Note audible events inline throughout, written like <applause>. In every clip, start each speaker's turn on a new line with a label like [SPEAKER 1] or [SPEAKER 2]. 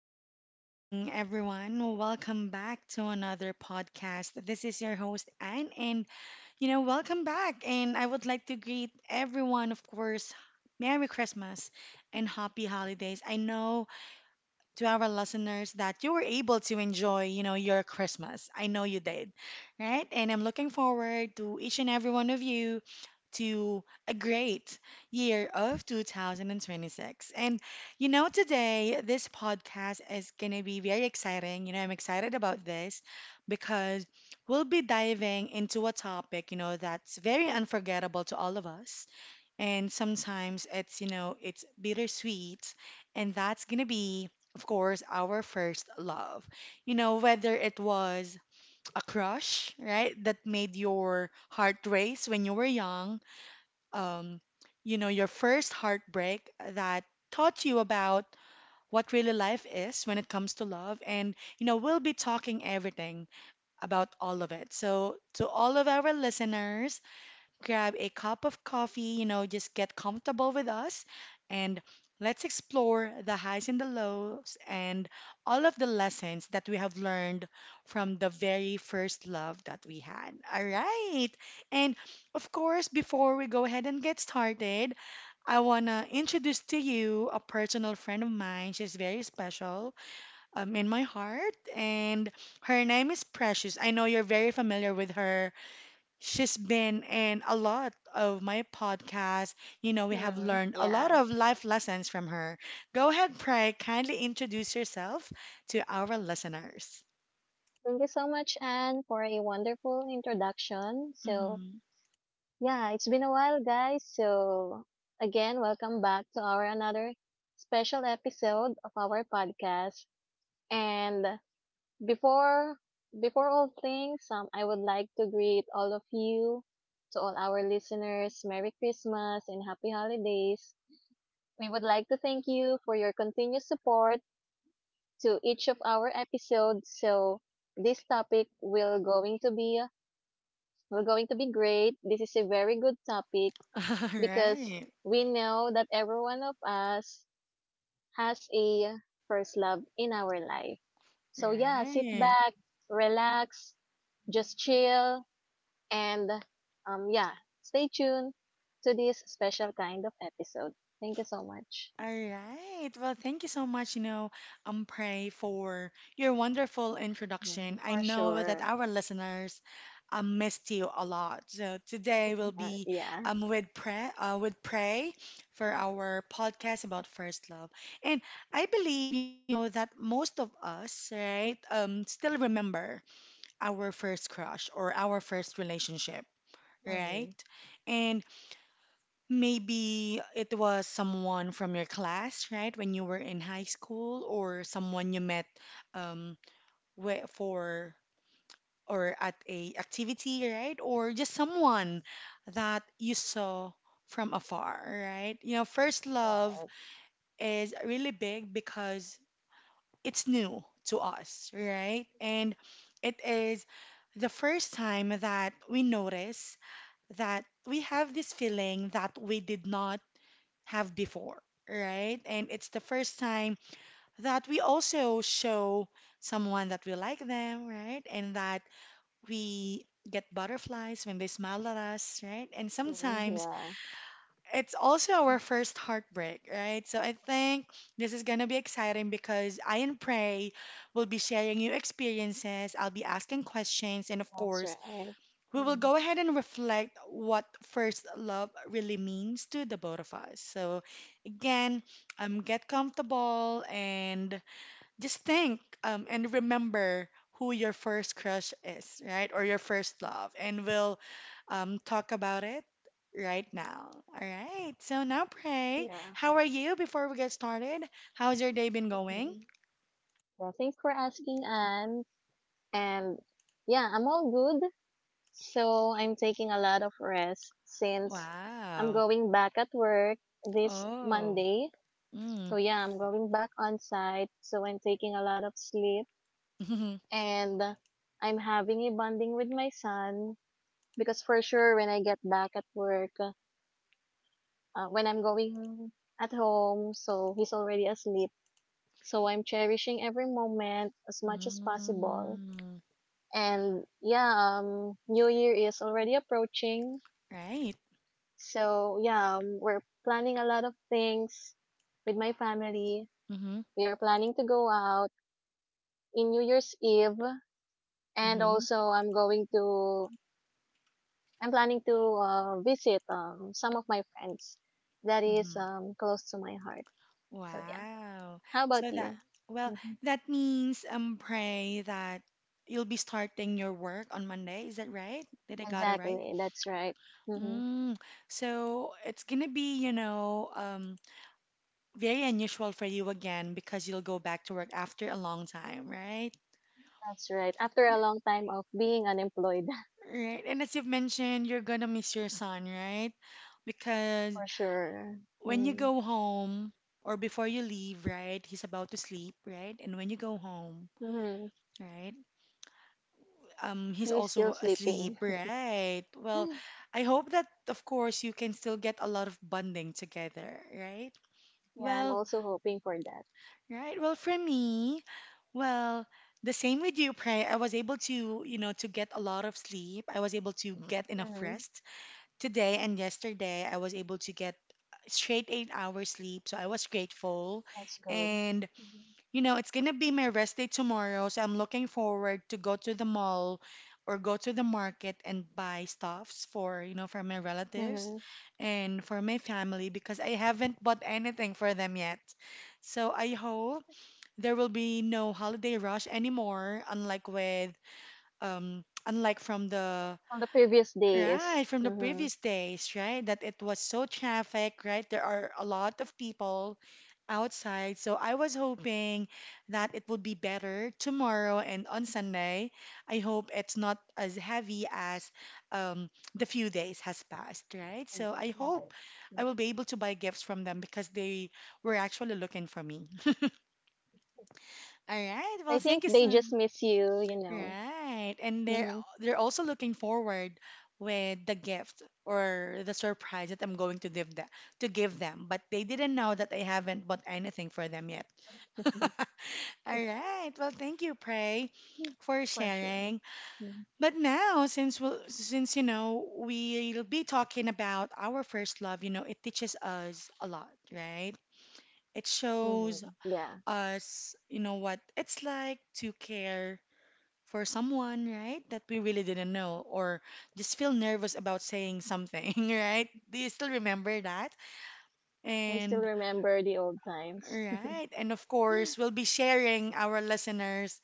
[SPEAKER 1] and good morning, everyone. Welcome back to another podcast. This is your host, Anne, and welcome back. And I would like to greet everyone, of course, Merry Christmas and Happy Holidays. I know to our listeners that you were able to enjoy, your Christmas. I know you did, right? And I'm looking forward to each and every one of you to a great year of 2026. And today this podcast is going to be very exciting. I'm excited about this because we'll be diving into a topic, that's very unforgettable to all of us. And sometimes it's bittersweet. And that's going to be, of course, our first love. You know, whether it was a crush, right, that made your heart race when you were young um, your first heartbreak that taught you about what really life is when it comes to love. And, we'll be talking everything about all of it. So, to all of our listeners, grab a cup of coffee, just get comfortable with us and let's explore the highs and the lows and all of the lessons that we have learned from the very first love that we had. All right. And of course, before we go ahead and get started, I want to introduce to you a personal friend of mine. She's very special in my heart, and her name is Precious. I know you're very familiar with her. She's been in a lot of my podcasts. You know, we have
[SPEAKER 2] Mm,
[SPEAKER 1] learned a lot
[SPEAKER 2] yeah.
[SPEAKER 1] of life lessons from her. Go ahead, Pray. Kindly introduce yourself to our listeners.
[SPEAKER 2] Thank you so much, Anne, for a wonderful introduction.
[SPEAKER 1] Mm-hmm.
[SPEAKER 2] Yeah, it's been a while, guys. So, again, welcome back to our another special episode of our podcast. And before before all things, I would like to greet all of you, to all our listeners, Merry Christmas and Happy Holidays. We would like to thank you for your continuous support to each of our episodes. So this topic will going to be great. This is a very good topic
[SPEAKER 1] <laughs> All
[SPEAKER 2] because
[SPEAKER 1] right.
[SPEAKER 2] we know that every one of us has a first love in our life. So yeah, sit
[SPEAKER 1] Right.
[SPEAKER 2] back, relax, just chill and um yeah, stay tuned to this special kind of episode. Thank you so much.
[SPEAKER 1] All right. Well, thank you so much, Pray, for your wonderful introduction.
[SPEAKER 2] Mhm.
[SPEAKER 1] I
[SPEAKER 2] For
[SPEAKER 1] know that
[SPEAKER 2] sure.
[SPEAKER 1] our listeners missed you a lot. So today we'll
[SPEAKER 2] <laughs>
[SPEAKER 1] be
[SPEAKER 2] Yeah.
[SPEAKER 1] with Pray for our podcast about first love. And I believe, that most of us, right, still remember our first crush or our first relationship, right?
[SPEAKER 2] Mhm.
[SPEAKER 1] And maybe it was someone from your class, right? When you were in high school, or someone you met um, whe- for or at a activity, right? Or just someone that you saw from afar, right? You know, first
[SPEAKER 2] Right.
[SPEAKER 1] love is really big because it's new to us, right? And it is the first time that we notice that we have this feeling that we did not have before, right? And it's the first time that we also show someone that we like them, right? And that we get butterflies when they smile at us, right? And
[SPEAKER 2] Mhm.
[SPEAKER 1] sometimes
[SPEAKER 2] Yeah.
[SPEAKER 1] it's also our first heartbreak, right? So I think this is going to be exciting because I and Prey will be sharing new experiences. I'll be asking questions. And of
[SPEAKER 2] That's
[SPEAKER 1] course,
[SPEAKER 2] right.
[SPEAKER 1] we will
[SPEAKER 2] Mhm.
[SPEAKER 1] go ahead and reflect what first love really means to the both of us. So again. Get comfortable and just think and remember who your first crush is, right? Or your first love. And we'll talk about it right now. All right. So now, Pray,
[SPEAKER 2] Yeah.
[SPEAKER 1] how are you before we get started? How's your day been going?
[SPEAKER 2] hmm Well, thanks for asking, Anne. And yeah, I'm all good. So I'm taking a lot of rest since I'm
[SPEAKER 1] Wow.
[SPEAKER 2] going back at work this
[SPEAKER 1] Oh.
[SPEAKER 2] Monday.
[SPEAKER 1] Mm.
[SPEAKER 2] So yeah, I'm going back on site. So I'm taking a lot of sleep
[SPEAKER 1] <laughs>
[SPEAKER 2] and I'm having a bonding with my son because for sure when I get back at work, when I'm going at home, so he's already asleep. So I'm cherishing every moment as much as
[SPEAKER 1] Mm-hmm.
[SPEAKER 2] possible.
[SPEAKER 1] Mm.
[SPEAKER 2] And yeah, New Year is already approaching.
[SPEAKER 1] Right.
[SPEAKER 2] So yeah, we're planning a lot of things with my family.
[SPEAKER 1] Mm-hmm.
[SPEAKER 2] We are planning to go out in New Year's Eve. And
[SPEAKER 1] Mm-hmm.
[SPEAKER 2] also I'm going to, I'm planning to visit some of my friends that is
[SPEAKER 1] Mm-hmm.
[SPEAKER 2] close to my heart. So yeah.
[SPEAKER 1] Wow.
[SPEAKER 2] How about
[SPEAKER 1] So that,
[SPEAKER 2] you?
[SPEAKER 1] well,
[SPEAKER 2] Hmm
[SPEAKER 1] that means pray that you'll be starting your work on Monday. Is that right? Did I got it right?
[SPEAKER 2] Exactly. That's right. hmm
[SPEAKER 1] Mm. So it's gonna be, very unusual for you again because you'll go back to work after a long time, right?
[SPEAKER 2] That's right. After a
[SPEAKER 1] Yeah,
[SPEAKER 2] long time of being unemployed. <laughs>
[SPEAKER 1] right. And as you've mentioned, you're gonna miss your son, right? Because
[SPEAKER 2] For sure.
[SPEAKER 1] when you
[SPEAKER 2] Mm.
[SPEAKER 1] go home or before you leave, right, he's about to sleep, right? And when you go home,
[SPEAKER 2] Mm-hmm.
[SPEAKER 1] right? He's
[SPEAKER 2] You is
[SPEAKER 1] also
[SPEAKER 2] still
[SPEAKER 1] asleep,
[SPEAKER 2] sleeping.
[SPEAKER 1] right?
[SPEAKER 2] <laughs>
[SPEAKER 1] Well,
[SPEAKER 2] Yeah,
[SPEAKER 1] I hope that, of course, you can still get a lot of bonding together, right?
[SPEAKER 2] I'm
[SPEAKER 1] Well,
[SPEAKER 2] also hoping for that.
[SPEAKER 1] right. Well, for me, well, the same with you, Pray. I was able to, to get a lot of sleep. I was able to get enough
[SPEAKER 2] Mm-hmm.
[SPEAKER 1] rest today and yesterday. I was able to get straight 8 hours sleep, so I was grateful.
[SPEAKER 2] That's good.
[SPEAKER 1] And it's gonna be my rest day tomorrow, so I'm looking forward to go to the mall or go to the market and buy stuffs for, for my relatives
[SPEAKER 2] Mm-hmm.
[SPEAKER 1] and for my family because I haven't bought anything for them yet. So I hope there will be no holiday rush anymore, unlike from the
[SPEAKER 2] On the previous
[SPEAKER 1] right,
[SPEAKER 2] days.
[SPEAKER 1] from the
[SPEAKER 2] Mm-hmm.
[SPEAKER 1] previous days, right? That it was so traffic, right? There are a lot of people outside. So I was hoping that it would be better tomorrow and on Sunday. I hope it's not as heavy as um, the few days has passed, right? So
[SPEAKER 2] Mm-hmm.
[SPEAKER 1] I hope
[SPEAKER 2] Right.
[SPEAKER 1] I will be able to buy gifts from them because they were actually looking for me. <laughs> All right,
[SPEAKER 2] I
[SPEAKER 1] well,
[SPEAKER 2] think
[SPEAKER 1] thank you
[SPEAKER 2] they
[SPEAKER 1] so
[SPEAKER 2] just miss you, you know.
[SPEAKER 1] right. And they're
[SPEAKER 2] Mm-hmm.
[SPEAKER 1] they're also looking forward with the gift or the surprise that I'm going to give them. But they didn't know that I haven't bought anything for them yet. <laughs> All
[SPEAKER 2] <laughs>
[SPEAKER 1] right. Well, thank you, Prey, for
[SPEAKER 2] For sure.
[SPEAKER 1] sharing. But now, since we'll be talking about our first love, it teaches us a lot, right? It shows
[SPEAKER 2] Mm-hmm. Yeah.
[SPEAKER 1] us, what it's like to care for someone, right? That we really didn't know, or just feel nervous about saying something, <laughs> right? Do you still remember that?
[SPEAKER 2] I still
[SPEAKER 1] And
[SPEAKER 2] remember the old times. <laughs>
[SPEAKER 1] right, and of course, we'll be sharing our listeners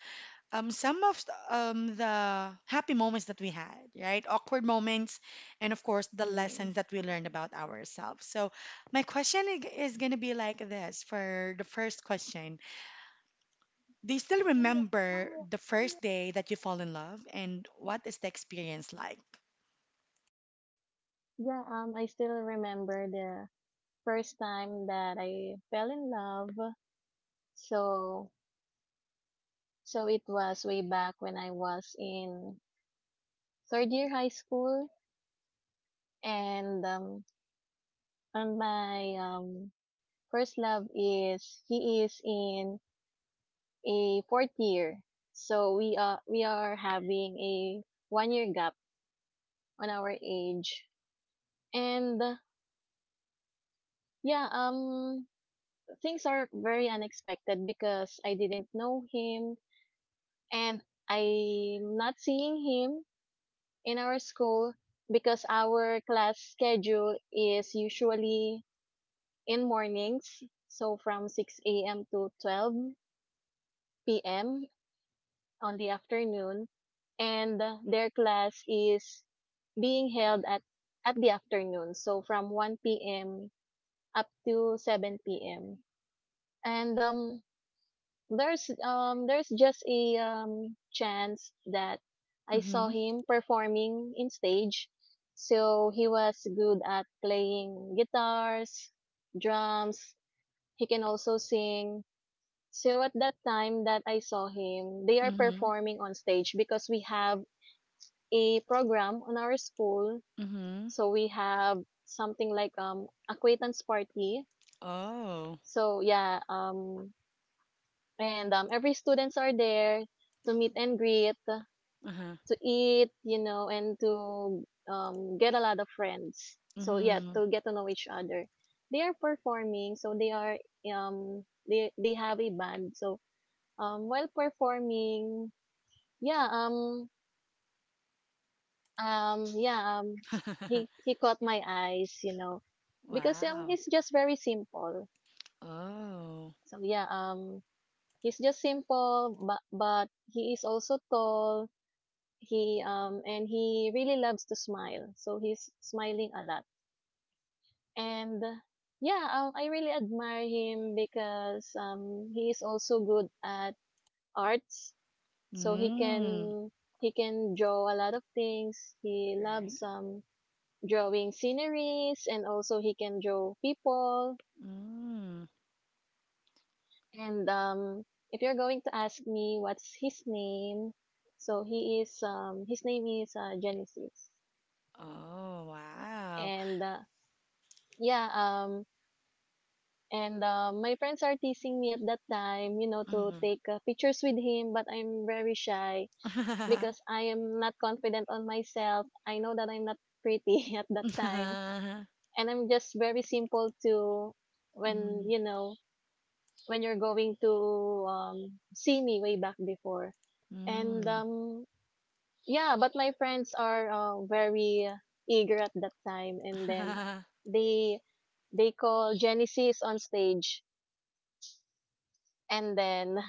[SPEAKER 1] some of the happy moments that we had, right? Awkward moments, and of course, the
[SPEAKER 2] Mm-hmm.
[SPEAKER 1] lessons that we learned about ourselves. So, my question is going to be like this for the first question. Do you still remember the first
[SPEAKER 2] Yeah.
[SPEAKER 1] day that you fall in love, and what is the experience like?
[SPEAKER 2] Yeah, I still remember the first time that I fell in love. So, so it was way back when I was in third year high school, and my first love is he is in a fourth year. So we are having a 1 year gap on our age, and yeah, um, things are very unexpected because I didn't know him and I'm not seeing him in our school because our class schedule is usually in mornings, so from 6 a.m. to 12 p.m. on the afternoon, and their class is being held at the afternoon, so from 1 p.m. up to 7 p.m. And there's just a chance that I saw
[SPEAKER 1] Mhm.
[SPEAKER 2] him performing in stage. So he was good at playing guitars, drums, he can also sing. So at that time that I saw him, they are
[SPEAKER 1] Mhm.
[SPEAKER 2] performing on stage because we have a program on our school.
[SPEAKER 1] Mhm.
[SPEAKER 2] So we have something like acquaintance party.
[SPEAKER 1] Oh.
[SPEAKER 2] So yeah, and every students are there to meet and greet,
[SPEAKER 1] Uh-huh.
[SPEAKER 2] to eat, you know, and to get a lot of friends. So yeah,
[SPEAKER 1] Mhm.
[SPEAKER 2] to get to know each other. They are performing, so they are they have a band. So while performing, yeah um um yeah um he
[SPEAKER 1] <laughs>
[SPEAKER 2] he caught my eyes, you know, because
[SPEAKER 1] Wow.
[SPEAKER 2] he's just very simple.
[SPEAKER 1] Oh.
[SPEAKER 2] So he's just simple, but he is also tall. He and he really loves to smile, so he's smiling a lot and yeah, I really admire him because he is also good at arts. So he
[SPEAKER 1] Mm.
[SPEAKER 2] can he can draw a lot of things. He
[SPEAKER 1] Right.
[SPEAKER 2] loves drawing sceneries, and also he can draw people.
[SPEAKER 1] Mm.
[SPEAKER 2] And if you're going to ask me what's his name, so he is his name is Genesis,
[SPEAKER 1] Oh, wow.
[SPEAKER 2] and yeah, um, my friends are teasing me at that time, you know, to
[SPEAKER 1] Mhm.
[SPEAKER 2] take pictures with him, but I'm very shy
[SPEAKER 1] Mm.
[SPEAKER 2] because I am not confident on myself. I know that I'm not pretty <laughs> at that time.
[SPEAKER 1] <laughs>
[SPEAKER 2] And I'm just very simple to when,
[SPEAKER 1] Mm.
[SPEAKER 2] you know, when you're going to see me way back before. And
[SPEAKER 1] Mm.
[SPEAKER 2] yeah, but my friends are very eager at that time. And then
[SPEAKER 1] <laughs>
[SPEAKER 2] they, they call Genesis on stage and then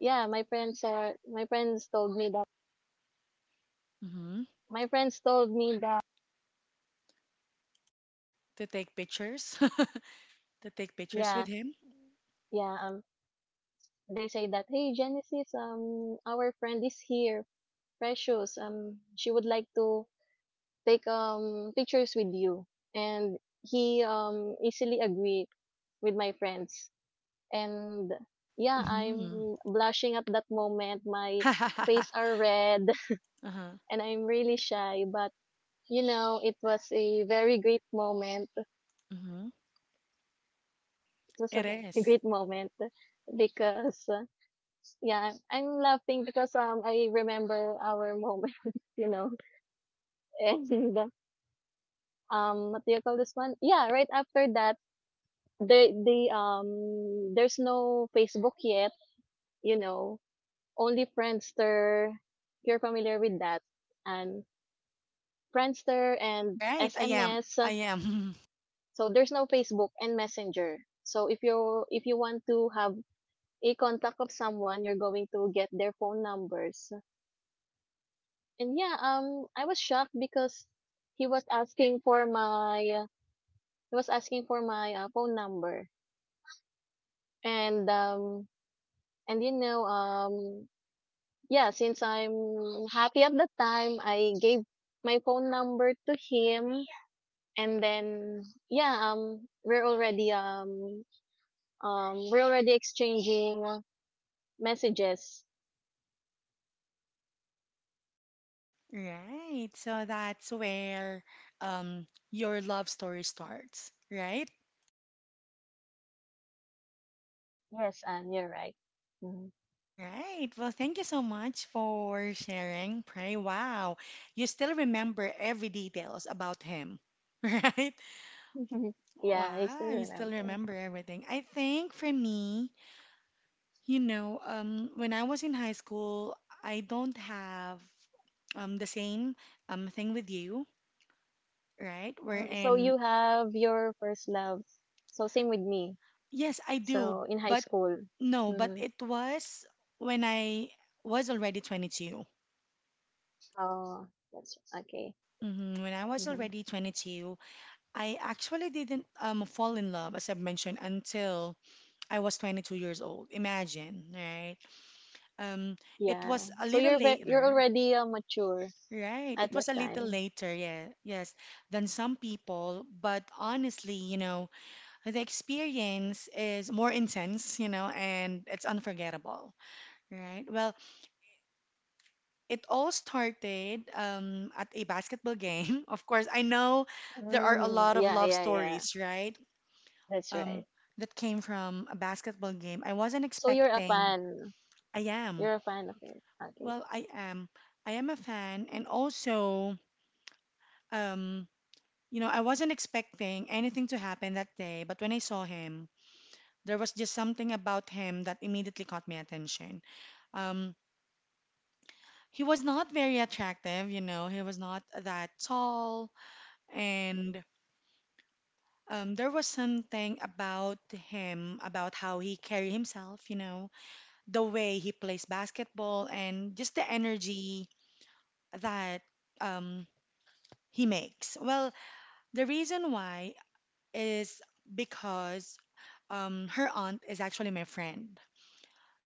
[SPEAKER 2] yeah,
[SPEAKER 1] Mhm.
[SPEAKER 2] my friends told me that
[SPEAKER 1] To take pictures? <laughs> To take pictures
[SPEAKER 2] yeah,
[SPEAKER 1] with him?
[SPEAKER 2] yeah, um they say that, hey Genesis, our friend is here, Precious. She would like to take pictures with you. And he easily agreed with my friends. And yeah,
[SPEAKER 1] Mhm.
[SPEAKER 2] I'm blushing at that moment. My face
[SPEAKER 1] <laughs>
[SPEAKER 2] are red
[SPEAKER 1] Uh-huh.
[SPEAKER 2] <laughs> and I'm really shy, but you know, it was a very great moment,
[SPEAKER 1] Mhm.
[SPEAKER 2] just a
[SPEAKER 1] It
[SPEAKER 2] ve- a
[SPEAKER 1] is.
[SPEAKER 2] great moment because yeah, I'm, I'm laughing because I remember our moment, <laughs> you know, and what do you call this one? Yeah, right after that, they there's no Facebook yet, you know, only Friendster. You're familiar with that, and Friendster and
[SPEAKER 1] Right, I am.
[SPEAKER 2] SMS.
[SPEAKER 1] I am. <laughs>
[SPEAKER 2] So there's no Facebook and Messenger. So if you want to have a contact of someone, you're going to get their phone numbers. And yeah, I was shocked because he was asking for my uh, he was asking for my phone number, and and you know, um, yeah, since I'm happy at the time, I gave my phone number to him, and then yeah, we're already exchanging messages.
[SPEAKER 1] Right. So that's where um your love story starts, right?
[SPEAKER 2] Yes, and you're right. Mhm.
[SPEAKER 1] Right. Well, thank you so much for sharing, Pray. Wow. You still remember every details about him, <laughs> right?
[SPEAKER 2] <laughs> Yeah, I still
[SPEAKER 1] Wow, you still
[SPEAKER 2] remember.
[SPEAKER 1] remember everything. I think for me, when I was in high school, I don't have the same thing with you, right?
[SPEAKER 2] So
[SPEAKER 1] Wherein
[SPEAKER 2] you have your first love. So same with me.
[SPEAKER 1] yes, I do,
[SPEAKER 2] So in high
[SPEAKER 1] but
[SPEAKER 2] school.
[SPEAKER 1] no, but
[SPEAKER 2] Mm-hmm.
[SPEAKER 1] it was when I was already 22.
[SPEAKER 2] Oh, that's okay.
[SPEAKER 1] When I was
[SPEAKER 2] Mm-hmm.
[SPEAKER 1] already 22, I actually didn't fall in love, as I've mentioned, until I was 22 years old. Imagine, right? Um, it
[SPEAKER 2] Yeah.
[SPEAKER 1] was a
[SPEAKER 2] So
[SPEAKER 1] little
[SPEAKER 2] you're
[SPEAKER 1] later,
[SPEAKER 2] already mature
[SPEAKER 1] right?
[SPEAKER 2] at
[SPEAKER 1] It
[SPEAKER 2] that
[SPEAKER 1] was a little
[SPEAKER 2] time.
[SPEAKER 1] later, yeah, yes, than some people. But honestly, the experience is more intense, and it's unforgettable, right? Well, it all started at a basketball game. <laughs> Of course, I know there are a lot
[SPEAKER 2] Mm-hmm.
[SPEAKER 1] of
[SPEAKER 2] Yeah,
[SPEAKER 1] love
[SPEAKER 2] yeah, yeah.
[SPEAKER 1] stories, right?
[SPEAKER 2] That's
[SPEAKER 1] Um,
[SPEAKER 2] right.
[SPEAKER 1] that came from a basketball game. I wasn't
[SPEAKER 2] So you're a
[SPEAKER 1] expecting.
[SPEAKER 2] fan.
[SPEAKER 1] I am.
[SPEAKER 2] You're a fan of it. Okay.
[SPEAKER 1] Well, I am. I am a fan, and also, um, I wasn't expecting anything to happen that day. But when I saw him, there was just something about him that immediately caught my attention. Um, he was not very attractive, you know. He was not that tall, and there was something about him, about how he carried himself, the way he plays basketball, and just the energy that um, he makes. Well, the reason why is because her aunt is actually my friend.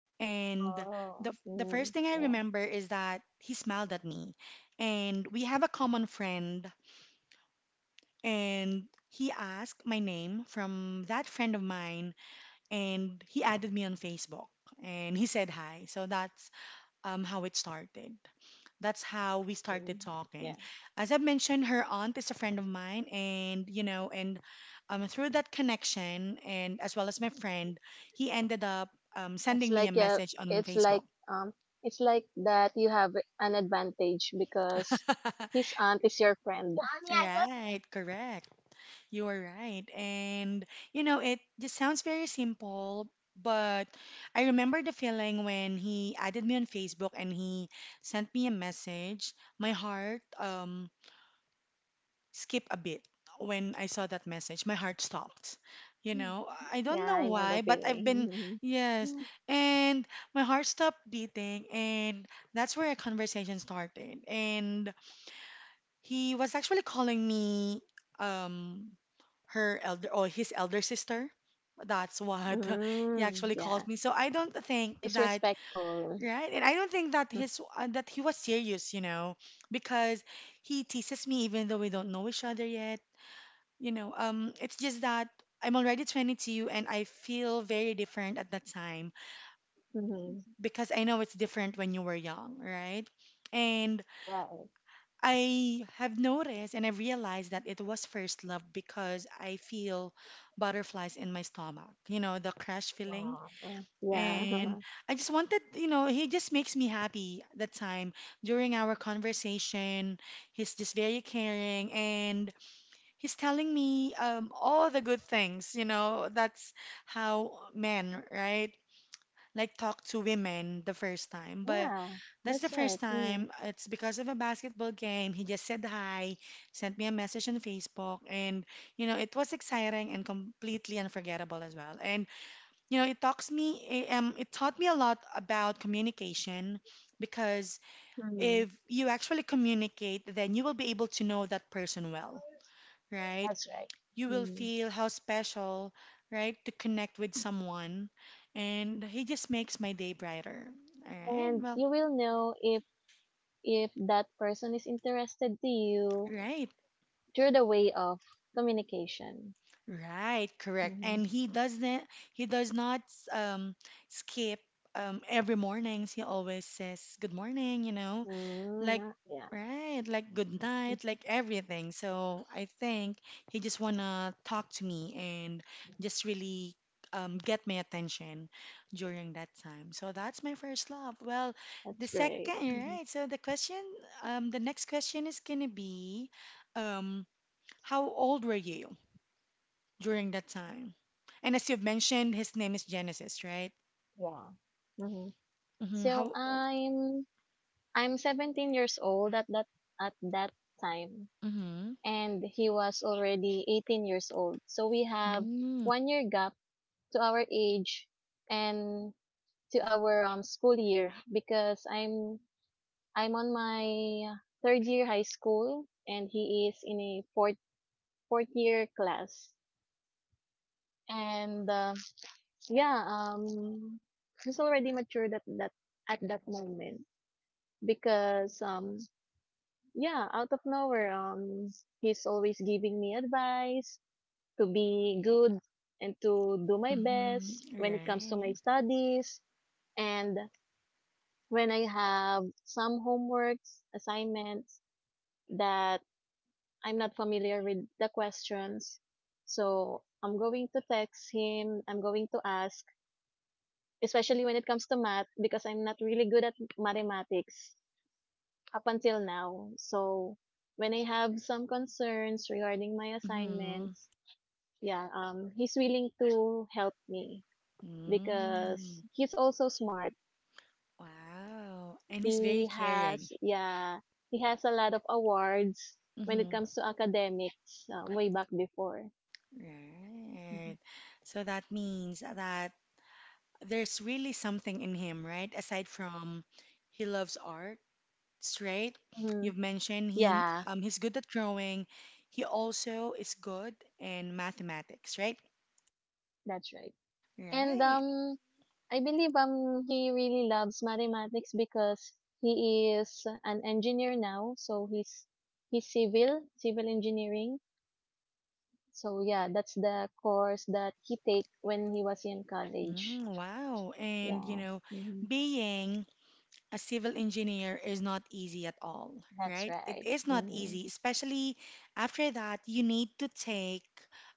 [SPEAKER 1] And the
[SPEAKER 2] Oh.
[SPEAKER 1] the first
[SPEAKER 2] Mm-hmm.
[SPEAKER 1] thing I
[SPEAKER 2] Yeah.
[SPEAKER 1] remember is that he smiled at me, and we have a common friend, and he asked my name from that friend of mine and he added me on Facebook and he said hi. So that's how it started. That's how we
[SPEAKER 2] Mm-hmm.
[SPEAKER 1] started talking.
[SPEAKER 2] Yeah.
[SPEAKER 1] As I mentioned, her aunt is a friend of mine, and through that connection, and as well as my friend, he ended up
[SPEAKER 2] It's
[SPEAKER 1] sending me a
[SPEAKER 2] like
[SPEAKER 1] message on
[SPEAKER 2] it's
[SPEAKER 1] Facebook.
[SPEAKER 2] like um it's like that you have an advantage because
[SPEAKER 1] <laughs>
[SPEAKER 2] his aunt is your friend.
[SPEAKER 1] Right, correct. You're right. And, it just sounds very simple, but I remember the feeling when he added me on Facebook and he sent me a message. My heart skipped a bit when I saw that message. My heart stopped.
[SPEAKER 2] <laughs>
[SPEAKER 1] I
[SPEAKER 2] Yeah,
[SPEAKER 1] don't know
[SPEAKER 2] I know the
[SPEAKER 1] why, but I've been,
[SPEAKER 2] feeling.
[SPEAKER 1] yes.
[SPEAKER 2] <laughs>
[SPEAKER 1] And my heart stopped beating, and that's where a conversation started. And he was actually calling me um her elder or his elder sister. That's what <laughs> he
[SPEAKER 2] Mm,
[SPEAKER 1] actually
[SPEAKER 2] yeah.
[SPEAKER 1] calls me. So I don't think
[SPEAKER 2] He's
[SPEAKER 1] that
[SPEAKER 2] respectful.
[SPEAKER 1] right, and I don't think that
[SPEAKER 2] <laughs>
[SPEAKER 1] his that he was serious, you know, because he teases me even though we don't know each other yet. You know, it's just that I'm already 22 and I feel very different at that time
[SPEAKER 2] Mm-hmm.
[SPEAKER 1] because I know it's different when you were young, right? And
[SPEAKER 2] Right.
[SPEAKER 1] I have noticed and I realized that it was first love because I feel butterflies in my stomach, you know, the crush feeling.
[SPEAKER 2] Wow. Yeah.
[SPEAKER 1] And
[SPEAKER 2] <laughs>
[SPEAKER 1] I just wanted, he just makes me happy that time during our conversation. He's just very caring and he's telling me all the good things, you know, that's how men, right? Like talk to women the first time. But
[SPEAKER 2] Yeah.
[SPEAKER 1] that's
[SPEAKER 2] That's
[SPEAKER 1] the
[SPEAKER 2] right.
[SPEAKER 1] first
[SPEAKER 2] Mm.
[SPEAKER 1] time. It's because of a basketball game. He just said hi, sent me a message on Facebook, and you know it was exciting and completely unforgettable as well. And you know it talks me, it taught me a lot about communication because
[SPEAKER 2] Mm-hmm.
[SPEAKER 1] if you actually communicate, then you will be able to know that person well, right?
[SPEAKER 2] That's right.
[SPEAKER 1] You will
[SPEAKER 2] Mm.
[SPEAKER 1] feel how special, right, to connect with someone, and he just makes my day brighter. All right,
[SPEAKER 2] And
[SPEAKER 1] well,
[SPEAKER 2] you will know if that person is interested to you
[SPEAKER 1] right.
[SPEAKER 2] through the way of communication.
[SPEAKER 1] Right, correct.
[SPEAKER 2] Mhm.
[SPEAKER 1] And he does not um skip every mornings. He always says good morning, you know,
[SPEAKER 2] Mm,
[SPEAKER 1] like
[SPEAKER 2] yeah,
[SPEAKER 1] right, like good night, like everything. So I think he just wanna talk to me and just really get my attention during that time. So that's my first love. Well,
[SPEAKER 2] that's
[SPEAKER 1] the
[SPEAKER 2] great.
[SPEAKER 1] second,
[SPEAKER 2] Hmm
[SPEAKER 1] right. So the question the next question is gonna be um how old were you during that time? And as you've mentioned, his name is Genesis, right?
[SPEAKER 2] Yeah. hmm
[SPEAKER 1] Mm-hmm.
[SPEAKER 2] So
[SPEAKER 1] How old?
[SPEAKER 2] I'm 17 years old at that time,
[SPEAKER 1] Mm-hmm.
[SPEAKER 2] and he was already 18 years old. So we have
[SPEAKER 1] Mm-hmm.
[SPEAKER 2] 1 year gap to our age and to our school year because I'm on my third year high school and he is in a fourth year class. And yeah, she's already matured at that moment because yeah, out of nowhere, he's always giving me advice to be good and to do my best when it comes to my
[SPEAKER 1] Right.
[SPEAKER 2] studies and when I have some homeworks, assignments that I'm not familiar with the questions. So I'm going to text him. I'm going to ask, especially when it comes to math because I'm not really good at mathematics up until now. So when I have some concerns regarding my
[SPEAKER 1] Mm-hmm.
[SPEAKER 2] assignments, yeah, he's willing to help me because
[SPEAKER 1] Mm.
[SPEAKER 2] he's also smart.
[SPEAKER 1] Wow. And he's very
[SPEAKER 2] He
[SPEAKER 1] caring.
[SPEAKER 2] has, yeah, he has a lot of awards when it
[SPEAKER 1] Mm-hmm.
[SPEAKER 2] comes to academics, way back before.
[SPEAKER 1] Right. So that means that there's really something in him, right? Aside from he loves art, right?
[SPEAKER 2] Mm-hmm.
[SPEAKER 1] You've mentioned he
[SPEAKER 2] Yeah,
[SPEAKER 1] he's good at drawing. He also is good in mathematics, right?
[SPEAKER 2] that's right. And
[SPEAKER 1] Right.
[SPEAKER 2] I believe he really loves mathematics because he is an engineer now, so he's civil engineering. So yeah, that's the course that he take when he was in college.
[SPEAKER 1] Mm, wow. And, you
[SPEAKER 2] Yeah.
[SPEAKER 1] know,
[SPEAKER 2] hmm
[SPEAKER 1] being a civil engineer is not easy at all,
[SPEAKER 2] that's
[SPEAKER 1] right? It
[SPEAKER 2] right.
[SPEAKER 1] is not
[SPEAKER 2] hmm
[SPEAKER 1] easy, especially after that, you need to take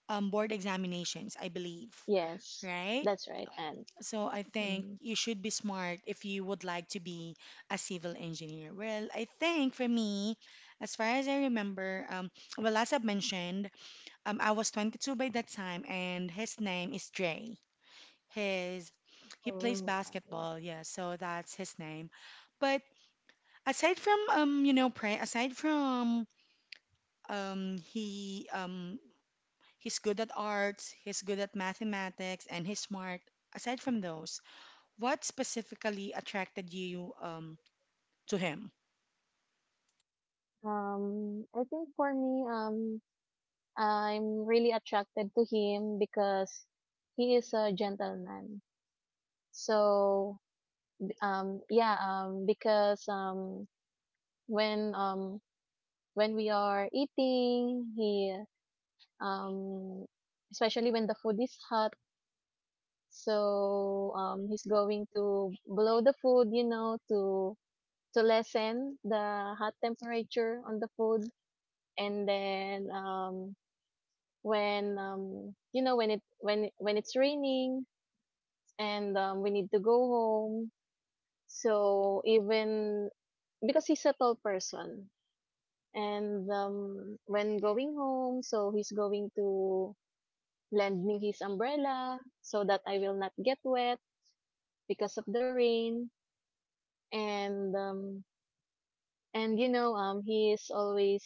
[SPEAKER 1] board examinations, I believe,
[SPEAKER 2] Yes,
[SPEAKER 1] right?
[SPEAKER 2] that's right. And
[SPEAKER 1] So I think
[SPEAKER 2] hmm
[SPEAKER 1] you should be smart if you would like to be a civil engineer. Well, I think for me, as far as I remember, well, as I've mentioned, I was 22 by that time, and his name is Dre. His He plays
[SPEAKER 2] mm okay.
[SPEAKER 1] basketball, yeah, so that's his name. But aside from you know, pray aside from um he um he's good at arts, he's good at mathematics, and he's smart. Aside from those, what specifically attracted you to him?
[SPEAKER 2] I think for me, I'm really attracted to him because he is a gentleman. So yeah because when When we are eating, he um especially when the food is hot, he's going to blow the food, you know, to lessen the hot temperature on the food. And then when you know, when when it's raining and we need to go home, so even because he's a tall person. And when going home, so he's going to lend me his umbrella so that I will not get wet because of the rain. And you know, he is always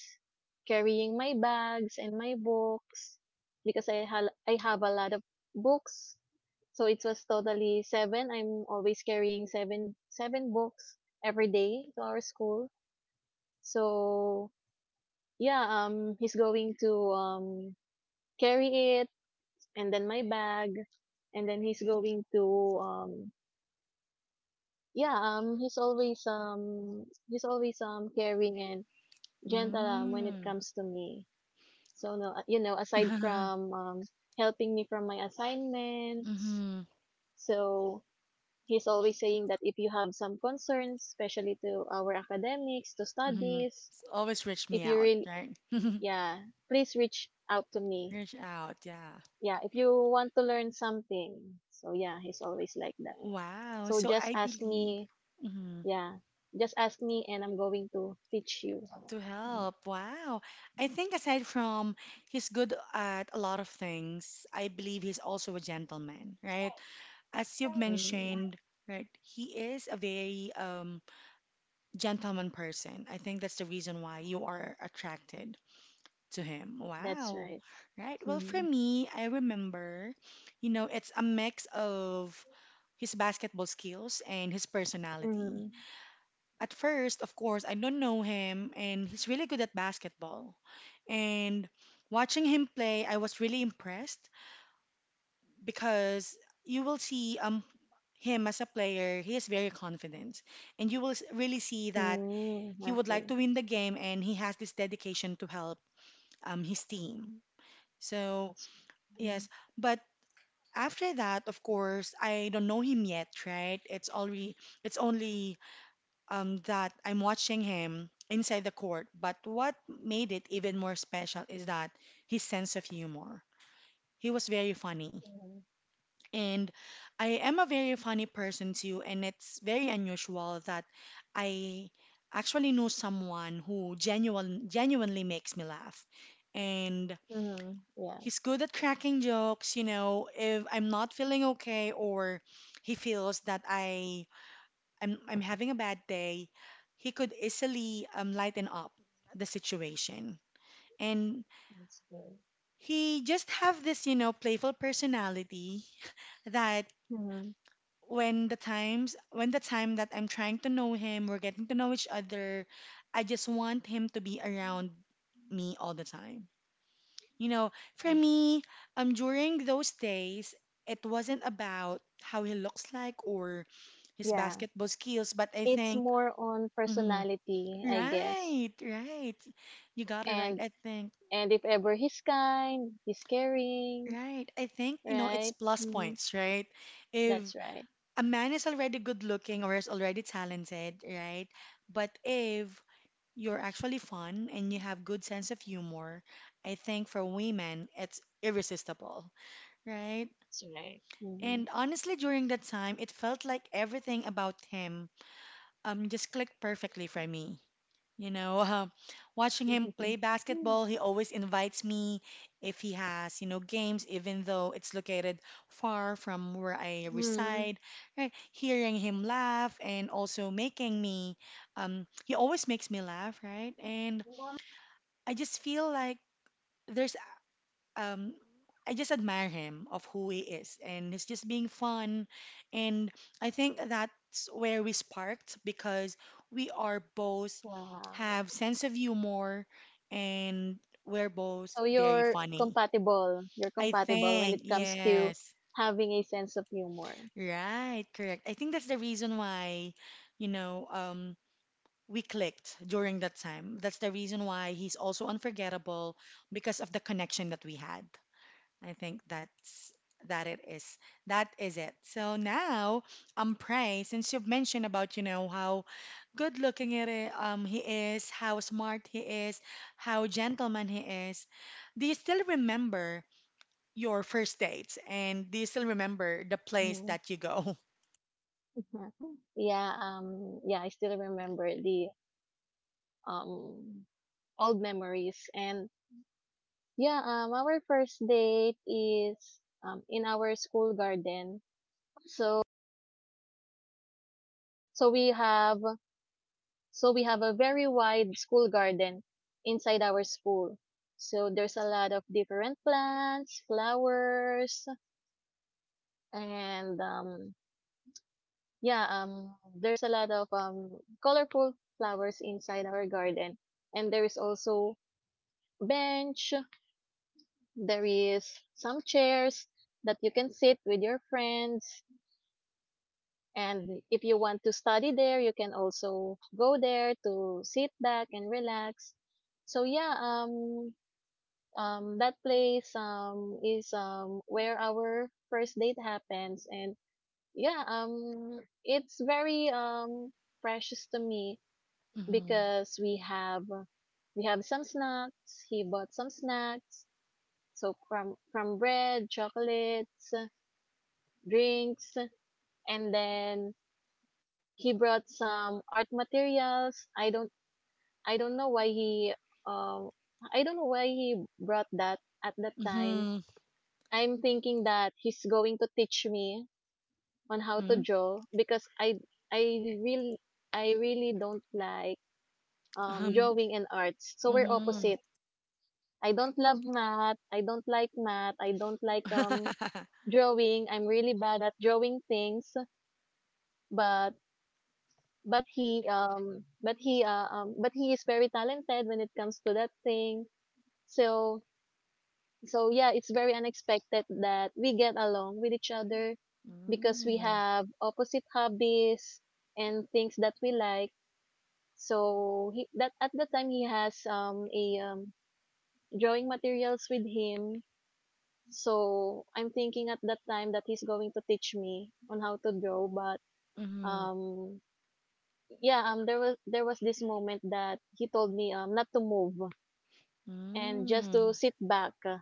[SPEAKER 2] carrying my bags and my books because I have a lot of books. So it was totally 7. I'm always carrying seven books every day to our school. So yeah, he's going to carry it, and then my bag, and then he's going to yeah he's always caring and gentle, when it
[SPEAKER 1] Mm.
[SPEAKER 2] comes to me. So no, aside
[SPEAKER 1] <laughs>
[SPEAKER 2] from helping me from my assignments.
[SPEAKER 1] Mm-hmm.
[SPEAKER 2] So he's always saying that if you have some concerns, especially to our academics, to
[SPEAKER 1] Mm-hmm.
[SPEAKER 2] studies,
[SPEAKER 1] It's always reached
[SPEAKER 2] if
[SPEAKER 1] me
[SPEAKER 2] you
[SPEAKER 1] out,
[SPEAKER 2] really,
[SPEAKER 1] right? <laughs>
[SPEAKER 2] yeah, please reach out to me.
[SPEAKER 1] Reach out, yeah.
[SPEAKER 2] Yeah, if you want to learn something. So yeah, he's always like that.
[SPEAKER 1] Wow.
[SPEAKER 2] So
[SPEAKER 1] So
[SPEAKER 2] just
[SPEAKER 1] I
[SPEAKER 2] ask
[SPEAKER 1] believe.
[SPEAKER 2] me,
[SPEAKER 1] Mhm.
[SPEAKER 2] yeah, just ask me, and I'm going to teach you.
[SPEAKER 1] To
[SPEAKER 2] Mm.
[SPEAKER 1] help. Wow. I think aside from he's good at a lot of things, I believe he's also a gentleman, right? As you've
[SPEAKER 2] Mm.
[SPEAKER 1] mentioned, right, he is a very gentleman person. I think that's the reason why you are attracted to him.
[SPEAKER 2] That's
[SPEAKER 1] Wow.
[SPEAKER 2] right.
[SPEAKER 1] Right. Well, for
[SPEAKER 2] Mm-hmm.
[SPEAKER 1] me, I remember, you know, it's a mix of his basketball skills and his personality.
[SPEAKER 2] Mm-hmm.
[SPEAKER 1] At first, of course, I don't know him, and he's really good at basketball. And watching him play, I was really impressed because you will see him as a player, he is very confident, and you will really see that
[SPEAKER 2] Mm-hmm.
[SPEAKER 1] he would like
[SPEAKER 2] Okay,
[SPEAKER 1] to win the game, and he has this dedication to help his team. So
[SPEAKER 2] that's
[SPEAKER 1] yes,
[SPEAKER 2] good.
[SPEAKER 1] but after that, of course, I don't know him yet, right? It's only that I'm watching him inside the court. But what made it even more special is that his sense of humor. He was very funny.
[SPEAKER 2] Mm-hmm.
[SPEAKER 1] And I am a very funny person too, and it's very unusual that I actually know someone who genuinely makes me laugh. And
[SPEAKER 2] Mm-hmm. Yeah,
[SPEAKER 1] he's good at cracking jokes, you know, if I'm not feeling okay or he feels that I'm having a bad day, he could easily lighten up the situation. And
[SPEAKER 2] that's good.
[SPEAKER 1] he just have this, you know, playful personality <laughs> that
[SPEAKER 2] Mm-hmm.
[SPEAKER 1] when the time that I'm trying to know him, we're getting to know each other, I just want him to be around me all the time. You know, for me, during those days, it wasn't about how he looks like or his
[SPEAKER 2] Yeah,
[SPEAKER 1] basketball skills, but I
[SPEAKER 2] it's
[SPEAKER 1] think
[SPEAKER 2] more on
[SPEAKER 1] mm-hmm,
[SPEAKER 2] personality, I guess.
[SPEAKER 1] right, right. You got it right.
[SPEAKER 2] And
[SPEAKER 1] I think,
[SPEAKER 2] and if ever, he's kind, he's caring,
[SPEAKER 1] right. I think, you know, it's
[SPEAKER 2] right?
[SPEAKER 1] plus
[SPEAKER 2] Mm-hmm.
[SPEAKER 1] points, right? If
[SPEAKER 2] That's right.
[SPEAKER 1] a man is already good looking or is already talented, right? But if you're actually fun and you have good sense of humor, I think for women, it's irresistible, right?
[SPEAKER 2] That's right. Mm-hmm.
[SPEAKER 1] And honestly, during that time, it felt like everything about him just clicked perfectly for me. You know, watching him play basketball, he
[SPEAKER 2] <laughs>
[SPEAKER 1] always invites me if he has, you know, games, even though it's located far from where I
[SPEAKER 2] Mm-hmm.
[SPEAKER 1] reside. Right? Hearing him laugh and also he always makes me laugh, right? And I just feel like there's um, I just admire him of who he is, and he's just being fun. And I think that's where we sparked because we are both
[SPEAKER 2] Wow.
[SPEAKER 1] have sense of humor, and we're both
[SPEAKER 2] So
[SPEAKER 1] very
[SPEAKER 2] you're
[SPEAKER 1] funny.
[SPEAKER 2] compatible. You're
[SPEAKER 1] I
[SPEAKER 2] compatible when
[SPEAKER 1] think
[SPEAKER 2] it comes to
[SPEAKER 1] yes,
[SPEAKER 2] having a sense of humor.
[SPEAKER 1] right, correct. I think that's the reason why, you know, we clicked during that time. That's the reason why he's also unforgettable because of the connection that we had. I think that's that it is. That is it. So now, Pray, since you've mentioned about, you know, how good looking he is, how smart he is, how gentleman he is, do you still remember your first dates? And do you still remember the place
[SPEAKER 2] Mhm.
[SPEAKER 1] that you go?
[SPEAKER 2] <laughs> Yeah, I still remember the um old memories, and yeah, our first date is in our school garden. So so we have so we have a very wide school garden inside our school. So there's a lot of different plants, flowers, and yeah um there's a lot of colorful flowers inside our garden, and there is also bench, there is some chairs that you can sit with your friends, and if you want to study there, you can also go there to sit back and relax. So yeah, that place is where our first date happens. And yeah, it's very precious to me
[SPEAKER 1] <laughs>
[SPEAKER 2] because we have some snacks. He bought some snacks, so from bread, chocolates, drinks, and then he brought some art materials. I don't know why he um I don't know why he brought that at that
[SPEAKER 1] Mm-hmm.
[SPEAKER 2] time.
[SPEAKER 1] Mm-hmm.
[SPEAKER 2] I'm thinking that he's going to teach me on how to
[SPEAKER 1] Mm-hmm.
[SPEAKER 2] draw because I really I really don't like
[SPEAKER 1] Um,
[SPEAKER 2] drawing and arts. So we're
[SPEAKER 1] mm-hmm.
[SPEAKER 2] opposite. I don't love math. I don't like math. I don't like
[SPEAKER 1] <laughs>
[SPEAKER 2] drawing. I'm really bad at drawing things, but but he is very talented when it comes to that thing. So so yeah, it's very unexpected that we get along with each other because we
[SPEAKER 1] Mm-hmm.
[SPEAKER 2] have opposite hobbies and things that we like. So he that at the time he has a drawing materials with him. So I'm thinking at that time that he's going to teach me on how to draw. But
[SPEAKER 1] Mm-hmm.
[SPEAKER 2] um yeah there was this moment that he told me not to move and just to sit back,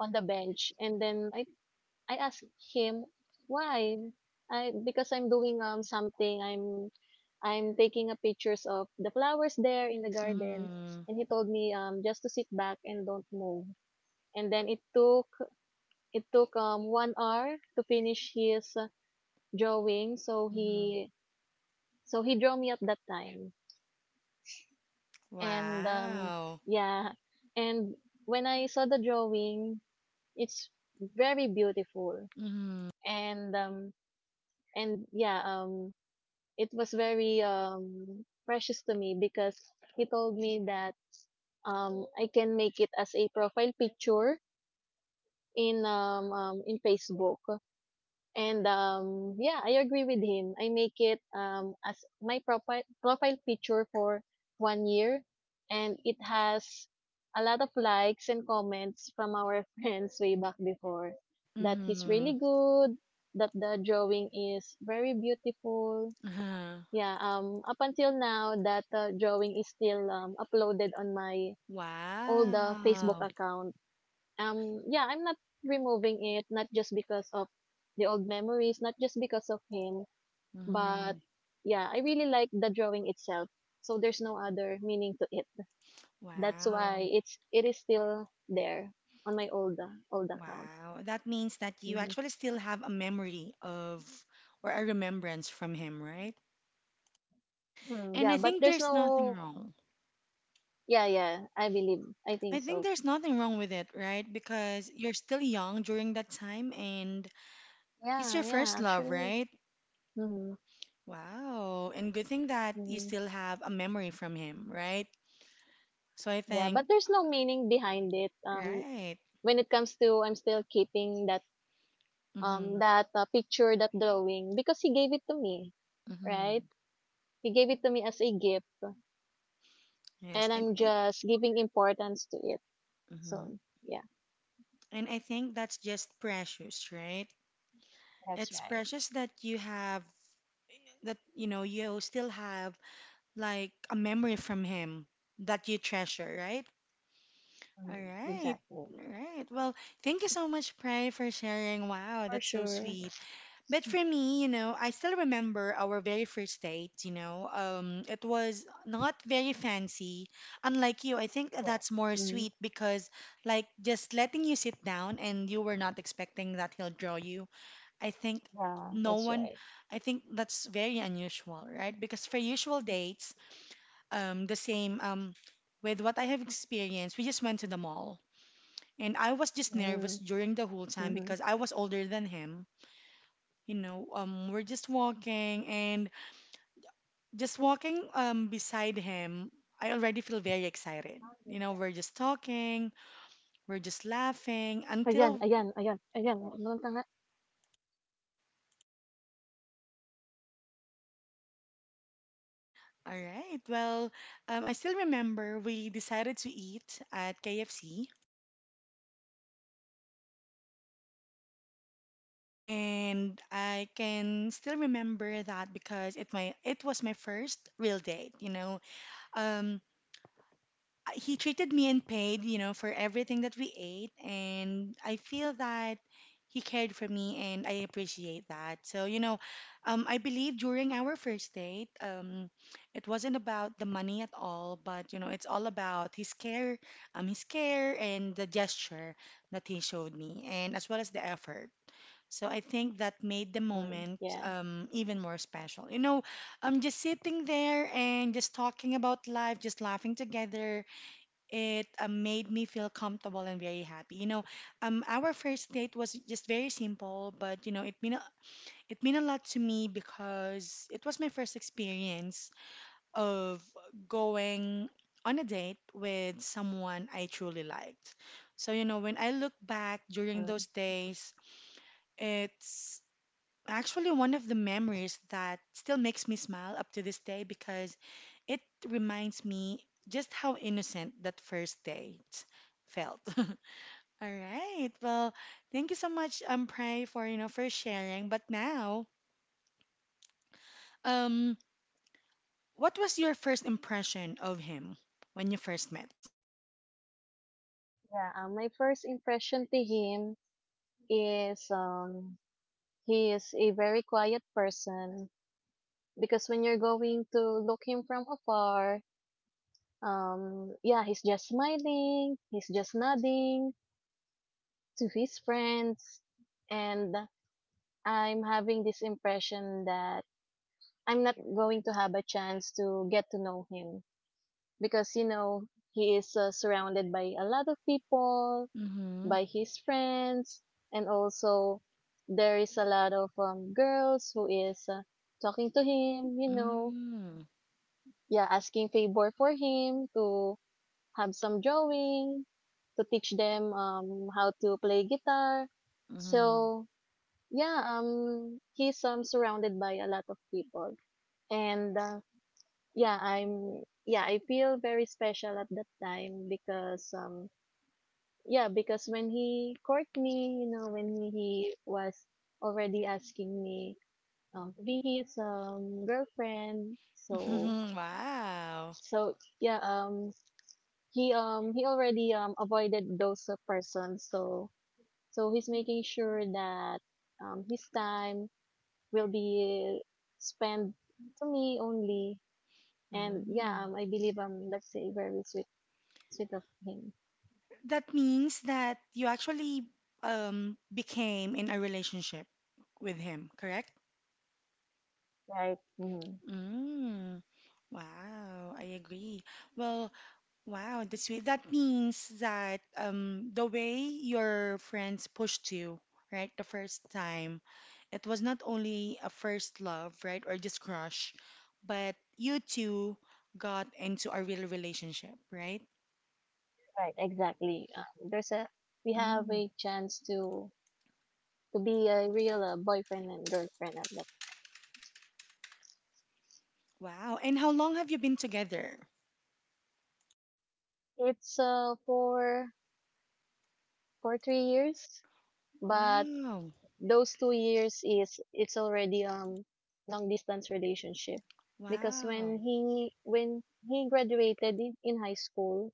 [SPEAKER 2] on the bench. And then I asked him why. I, because I'm doing something. I'm taking a pictures of the flowers there in the garden,
[SPEAKER 1] Mm-hmm.
[SPEAKER 2] and he told me just to sit back and don't move. And then it took 1 hour to finish his drawing. So
[SPEAKER 1] Mm-hmm.
[SPEAKER 2] he so he drew me at that time. And
[SPEAKER 1] Wow.
[SPEAKER 2] yeah, and when I saw the drawing, it's very beautiful.
[SPEAKER 1] Mhm.
[SPEAKER 2] And and yeah um it was very precious to me because he told me that I can make it as a profile picture in Facebook, and yeah, I agree with him. I make it as my profile picture for 1 year, and it has a lot of likes and comments from our <laughs> friends way back before, that he's
[SPEAKER 1] Mhm.
[SPEAKER 2] really good, that the drawing is very beautiful.
[SPEAKER 1] Uh-huh.
[SPEAKER 2] Yeah, up until now, that drawing is still uploaded on my old Facebook
[SPEAKER 1] Wow.
[SPEAKER 2] account. Yeah, I'm not removing it, not just because of the old memories, not just because of him, but
[SPEAKER 1] Mhm.
[SPEAKER 2] yeah, I really like the drawing itself. So there's no other meaning to it. That's why
[SPEAKER 1] Wow.
[SPEAKER 2] it is still there on my old old account.
[SPEAKER 1] Wow. That means that you
[SPEAKER 2] Hmm.
[SPEAKER 1] actually still have a memory of or a remembrance from him, right?
[SPEAKER 2] Mm,
[SPEAKER 1] And
[SPEAKER 2] yeah,
[SPEAKER 1] I
[SPEAKER 2] but
[SPEAKER 1] think
[SPEAKER 2] there's
[SPEAKER 1] there's nothing
[SPEAKER 2] no.
[SPEAKER 1] wrong.
[SPEAKER 2] Yeah, yeah, I believe. I
[SPEAKER 1] I
[SPEAKER 2] think
[SPEAKER 1] think
[SPEAKER 2] so.
[SPEAKER 1] there's nothing wrong with it, right? Because you're still young during that time and he's your
[SPEAKER 2] Yeah, yeah,
[SPEAKER 1] first love,
[SPEAKER 2] actually.
[SPEAKER 1] right?
[SPEAKER 2] Mm-hmm.
[SPEAKER 1] Wow. And good thing that you
[SPEAKER 2] Mm-hmm.
[SPEAKER 1] still have a memory from him, right? So I
[SPEAKER 2] Yeah,
[SPEAKER 1] think,
[SPEAKER 2] but there's no meaning behind it.
[SPEAKER 1] right.
[SPEAKER 2] When it comes to, I'm still keeping that
[SPEAKER 1] Mm-hmm.
[SPEAKER 2] that picture, that drawing, because he gave it to me, right?
[SPEAKER 1] Mm-hmm.
[SPEAKER 2] He gave it to me as a gift,
[SPEAKER 1] Yes,
[SPEAKER 2] and
[SPEAKER 1] and
[SPEAKER 2] I'm
[SPEAKER 1] I
[SPEAKER 2] just giving importance to it.
[SPEAKER 1] mm-hmm.
[SPEAKER 2] So yeah.
[SPEAKER 1] And I think that's just precious, right?
[SPEAKER 2] That's
[SPEAKER 1] It's
[SPEAKER 2] right.
[SPEAKER 1] precious that you have that you know you still have like a memory from him that you treasure, right? All
[SPEAKER 2] Mm,
[SPEAKER 1] right.
[SPEAKER 2] exactly.
[SPEAKER 1] All right. Well, thank you so much, Pray, for sharing. Wow,
[SPEAKER 2] For
[SPEAKER 1] that's so
[SPEAKER 2] sure.
[SPEAKER 1] sweet. But for me, you know, I still remember our very first date, you know. It was not very fancy. Unlike you, I think
[SPEAKER 2] Cool.
[SPEAKER 1] that's more
[SPEAKER 2] Mm,
[SPEAKER 1] sweet because, like, just letting you sit down and you were not expecting that he'll draw you. I think
[SPEAKER 2] yeah,
[SPEAKER 1] no
[SPEAKER 2] that's
[SPEAKER 1] one,
[SPEAKER 2] right.
[SPEAKER 1] I think that's very unusual, right? Because for usual dates, the same, with what I have experienced, we just went to the mall. And I was just nervous
[SPEAKER 2] Mm.
[SPEAKER 1] during the whole time
[SPEAKER 2] Mm-hmm.
[SPEAKER 1] because I was older than him. You know, we're just walking and just walking beside him. I already feel very excited.
[SPEAKER 2] How did...
[SPEAKER 1] You know, we're just talking, we're just laughing
[SPEAKER 2] Ayan,
[SPEAKER 1] until,
[SPEAKER 2] ayan, ayan, ayan, that- Meron ka nga.
[SPEAKER 1] all right, well, I still remember we decided to eat at KFC. And I can still remember that because it was my first real date, you know. Um, he treated me and paid, you know, for everything that we ate. And I feel that he cared for me and I appreciate that. So, you know, I believe during our first date, it wasn't about the money at all, but, you know, it's all about his care and the gesture that he showed me, and as well as the effort. So I think that made the
[SPEAKER 2] Mm,
[SPEAKER 1] moment
[SPEAKER 2] yeah.
[SPEAKER 1] even more special. You know, just sitting there and just talking about life, just laughing together, it made me feel comfortable and very happy. You know, our first date was just very simple, but you know, it mean a lot to me because it was my first experience of going on a date with someone I truly liked. So, you know, when I look back during
[SPEAKER 2] Mm.
[SPEAKER 1] those days, it's actually one of the memories that still makes me smile up to this day because it reminds me just how innocent that first date felt. <laughs> All right. Well, thank you so much, Pray, for you know for sharing. But now, um, what was your first impression of him when you first met?
[SPEAKER 2] Yeah, my first impression to him is, he is a very quiet person, because when you're going to look him from afar, yeah, he's just smiling, he's just nodding to his friends, and I'm having this impression that I'm not going to have a chance to get to know him, because, you know, he is surrounded by a lot of people,
[SPEAKER 1] Mm-hmm.
[SPEAKER 2] by his friends. And also there is a lot of girls who is talking to him, you know,
[SPEAKER 1] Mm-hmm.
[SPEAKER 2] yeah, asking favor for him to have some drawing, to teach them how to play guitar.
[SPEAKER 1] Mm-hmm.
[SPEAKER 2] So yeah, he's surrounded by a lot of people. And yeah, I feel very special at that time, because yeah, because when he court me, you know, when he was already asking me to be his girlfriend. So
[SPEAKER 1] <laughs> Wow.
[SPEAKER 2] so yeah um he already avoided those persons. So so he's making sure that his time will be spent to me only, and yeah,
[SPEAKER 1] Mm.
[SPEAKER 2] I believe that's a very sweet of him.
[SPEAKER 1] That means that you actually became in a relationship with him, correct?
[SPEAKER 2] Right? Mhm.
[SPEAKER 1] Mm. Wow, I agree. Well, wow, that's sweet. That means that the way your friends pushed you, right, the first time, it was not only a first love, right, or just crush, but you two got into a real relationship, right?
[SPEAKER 2] Right, exactly. There's a We have
[SPEAKER 1] Mm,
[SPEAKER 2] a chance to be a real boyfriend and girlfriend at that.
[SPEAKER 1] wow. And how long have you been together?
[SPEAKER 2] It's for 3 years, but
[SPEAKER 1] Wow.
[SPEAKER 2] those 2 years is it's already long distance relationship, because
[SPEAKER 1] Wow.
[SPEAKER 2] when he graduated in high school,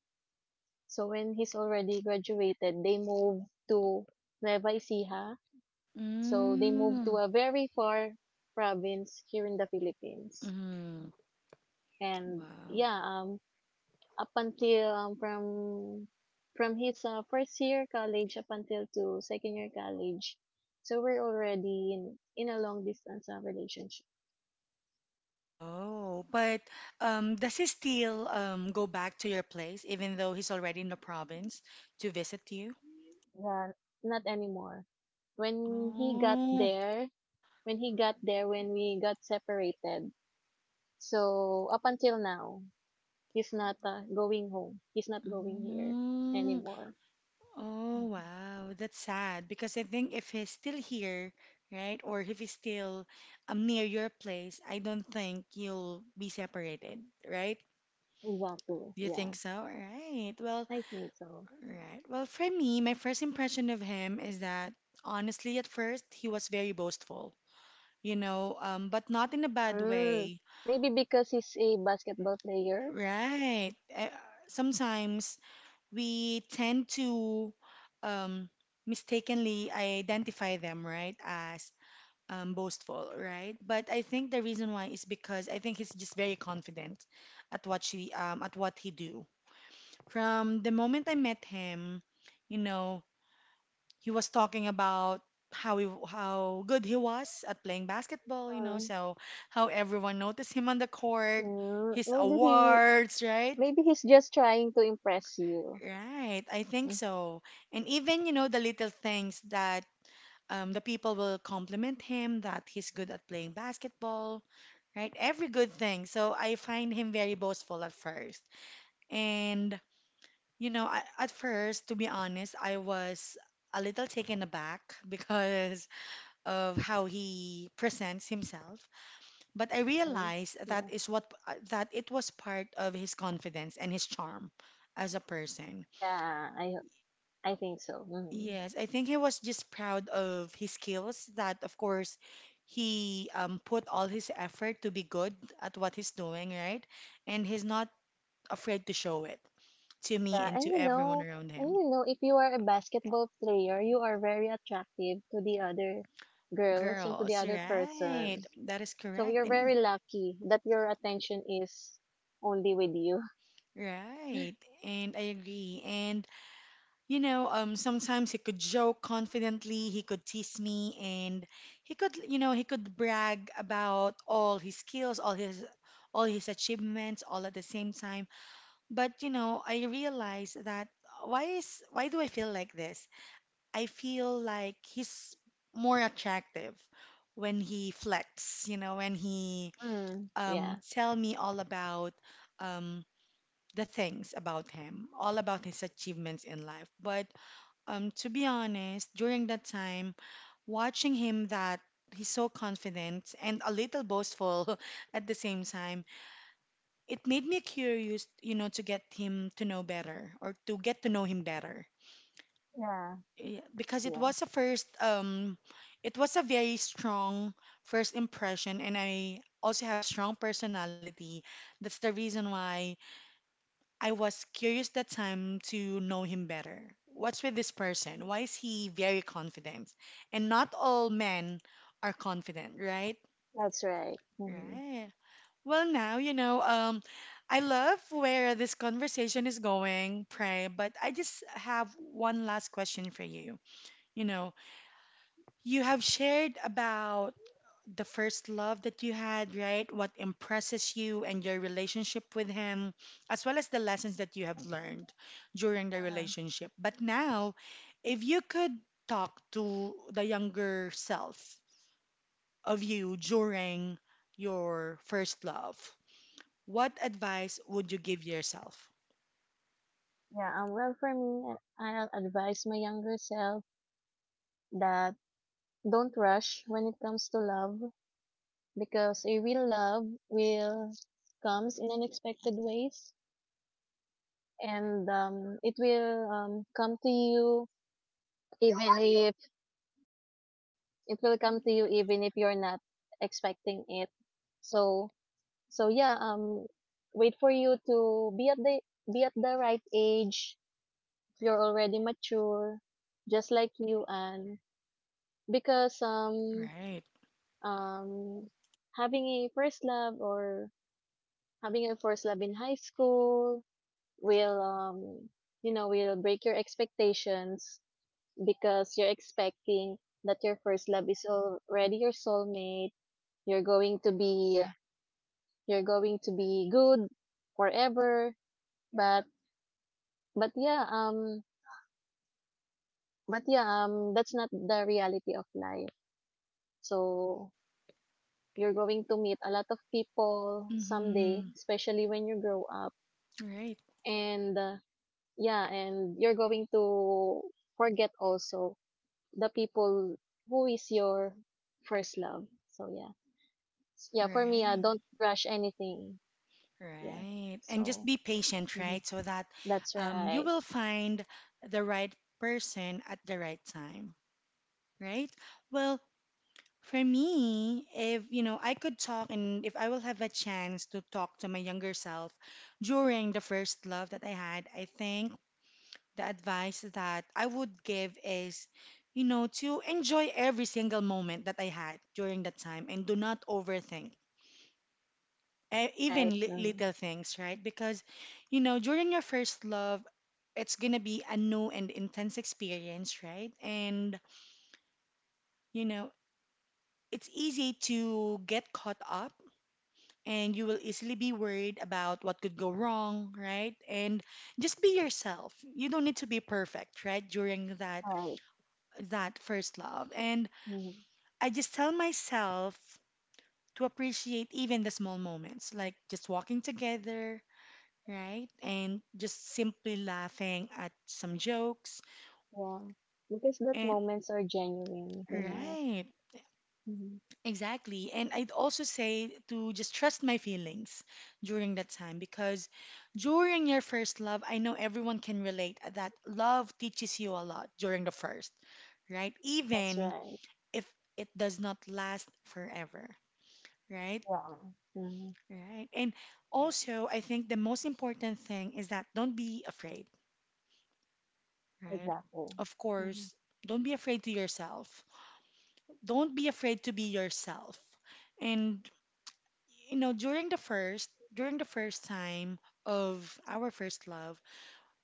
[SPEAKER 2] so when he's already graduated, they moved to Nueva Ecija. So they moved to
[SPEAKER 1] Mm,
[SPEAKER 2] a very far province here in the Philippines.
[SPEAKER 1] mm,
[SPEAKER 2] And
[SPEAKER 1] wow.
[SPEAKER 2] yeah, up until from his first year college up until to second year college, so we're already in a long distance relationship.
[SPEAKER 1] Oh, but does he still go back to your place even though he's already in the province to visit you?
[SPEAKER 2] Yeah, not anymore. when he got
[SPEAKER 1] Oh,
[SPEAKER 2] there when he got there, when we got separated, so up until now, he's not going home, he's not going here
[SPEAKER 1] mm,
[SPEAKER 2] anymore.
[SPEAKER 1] oh, wow. That's sad because I think if he's still here, right, or if he's still near your place, I don't think you'll be separated, right?
[SPEAKER 2] Exactly,
[SPEAKER 1] Do you
[SPEAKER 2] yeah.
[SPEAKER 1] think so? All right. Well,
[SPEAKER 2] I think so.
[SPEAKER 1] all right. Well, for me, my first impression of him is that honestly, at first, he was very boastful you know, but not in a bad
[SPEAKER 2] Mm,
[SPEAKER 1] way.
[SPEAKER 2] maybe because he's a basketball player?
[SPEAKER 1] Right. Sometimes we tend to um, mistakenly identify them, right, as boastful, right? But I think the reason why is because I think he's just very confident at what she at what he do. From the moment I met him, you know, he was talking about how good he was at playing basketball, you know,
[SPEAKER 2] Mm.
[SPEAKER 1] so how everyone noticed him on the court,
[SPEAKER 2] Mm,
[SPEAKER 1] his
[SPEAKER 2] maybe he
[SPEAKER 1] awards, right?
[SPEAKER 2] maybe he's just trying to impress you.
[SPEAKER 1] Right, I think
[SPEAKER 2] Mm.
[SPEAKER 1] so. And even, you know, the little things that the people will compliment him that he's good at playing basketball, right? Every good thing. So I find him very boastful at first. And, you know, I, at first, to be honest, I was a little taken aback <laughs> because of how he presents himself, but I
[SPEAKER 2] Mm.
[SPEAKER 1] realized
[SPEAKER 2] Yeah,
[SPEAKER 1] that is what that it was part of his confidence and his charm as a person.
[SPEAKER 2] yeah, I think so. Mm.
[SPEAKER 1] Yes, I think he was just proud of his skills that of course he put all his effort to be good at what he's doing, right? And he's not afraid to show it to me
[SPEAKER 2] Yeah,
[SPEAKER 1] and
[SPEAKER 2] and
[SPEAKER 1] to
[SPEAKER 2] you
[SPEAKER 1] everyone
[SPEAKER 2] know,
[SPEAKER 1] around him.
[SPEAKER 2] if you are a basketball player, you are very attractive to the other girls and to the
[SPEAKER 1] Girls,
[SPEAKER 2] other
[SPEAKER 1] right.
[SPEAKER 2] person.
[SPEAKER 1] That is
[SPEAKER 2] So
[SPEAKER 1] correct.
[SPEAKER 2] you're
[SPEAKER 1] And
[SPEAKER 2] very lucky that your attention is only with you.
[SPEAKER 1] right. And I agree. And you know, sometimes he could joke confidently, he could tease me, and he could, you know, he could brag about all his skills, all his achievements, all at the same time. But, you know, I realized that why do I feel like this? I feel like he's more attractive when he flex, you know, when he
[SPEAKER 2] Mm. <laughs> Yeah.
[SPEAKER 1] tell me all about um the things about him, all about his achievements in life. But to be honest, during that time, watching him that he's so confident and a little boastful <laughs> at the same time, it made me curious, you know, to get to know him better.
[SPEAKER 2] Yeah.
[SPEAKER 1] Yeah, because it
[SPEAKER 2] Yeah,
[SPEAKER 1] was a first, it was a very strong first impression, and I also have strong personality. That's the reason why I was curious that time to know him better. What's with this person? Why is he very confident? And not all men are confident, right?
[SPEAKER 2] that's right. Hmm.
[SPEAKER 1] Right. Well, now, you know, I love where this conversation is going, Pray, but I just have one last question for you. You know, you have shared about the first love that you had, right? What impresses you and your relationship with him, as well as the lessons that you have learned during the
[SPEAKER 2] Uh-huh.
[SPEAKER 1] relationship. But now, if you could talk to the younger self of you during your first love, what advice would you give yourself?
[SPEAKER 2] Yeah, well, for me, I'll advise my younger self that don't rush when it comes to love, because a real love will comes in unexpected ways, and it will come to you, even if it will come to you even if you're not expecting it. So so yeah, wait for you to be at the, be at the right age, if you're already mature, just like you. And because
[SPEAKER 1] Right.
[SPEAKER 2] um having a first love or having a first love in high school will, you know, will break your expectations, because you're expecting that your first love is already your soulmate. You're going to be you're going to be good forever. But but yeah, um but yeah, that's not the reality of life. So you're going to meet a lot of people someday,
[SPEAKER 1] Mm-hmm.
[SPEAKER 2] especially when you grow up.
[SPEAKER 1] Right.
[SPEAKER 2] And yeah, and you're going to forget also the people who is your first love. So yeah. Yeah, for me,
[SPEAKER 1] Right.
[SPEAKER 2] don't rush anything. Yeah.
[SPEAKER 1] Right. And just
[SPEAKER 2] So,
[SPEAKER 1] be patient,
[SPEAKER 2] mhm,
[SPEAKER 1] right? So that
[SPEAKER 2] that's
[SPEAKER 1] you
[SPEAKER 2] right.
[SPEAKER 1] will find the right person at the right time, right? Well, for me, if you know, I could talk and if I will have a chance to talk to my younger self during the first love that I had, I think the advice that I would give is, you know, to enjoy every single moment that I had during that time and do not overthink even
[SPEAKER 2] Right.
[SPEAKER 1] li little
[SPEAKER 2] Mm.
[SPEAKER 1] things, right? Because, you know, during your first love, it's gonna be a new and intense experience, right? And, you know, it's easy to get caught up and you will easily be worried about what could go wrong, right? And just be yourself. You don't need to be perfect, right? During that
[SPEAKER 2] Right.
[SPEAKER 1] that first love. And
[SPEAKER 2] Mm.
[SPEAKER 1] I just tell myself to appreciate even the small moments, like just walking together, right? And just simply laughing at some jokes.
[SPEAKER 2] Yeah. Because that
[SPEAKER 1] And
[SPEAKER 2] moments are genuine, you know.
[SPEAKER 1] right,
[SPEAKER 2] Hmm.
[SPEAKER 1] exactly. And I'd also say to just trust my feelings during that time because during your first love, I know everyone can relate that love teaches you a lot during the first, right?
[SPEAKER 2] That's
[SPEAKER 1] Even
[SPEAKER 2] right.
[SPEAKER 1] if it does not last forever, right?
[SPEAKER 2] Yeah. Hmm.
[SPEAKER 1] Right. And also, I think the most important thing is that don't be afraid right?
[SPEAKER 2] Exactly.
[SPEAKER 1] Of
[SPEAKER 2] Hmm.
[SPEAKER 1] course, don't be afraid to yourself. Don't be afraid to be yourself. And you know, during the first time of our first love,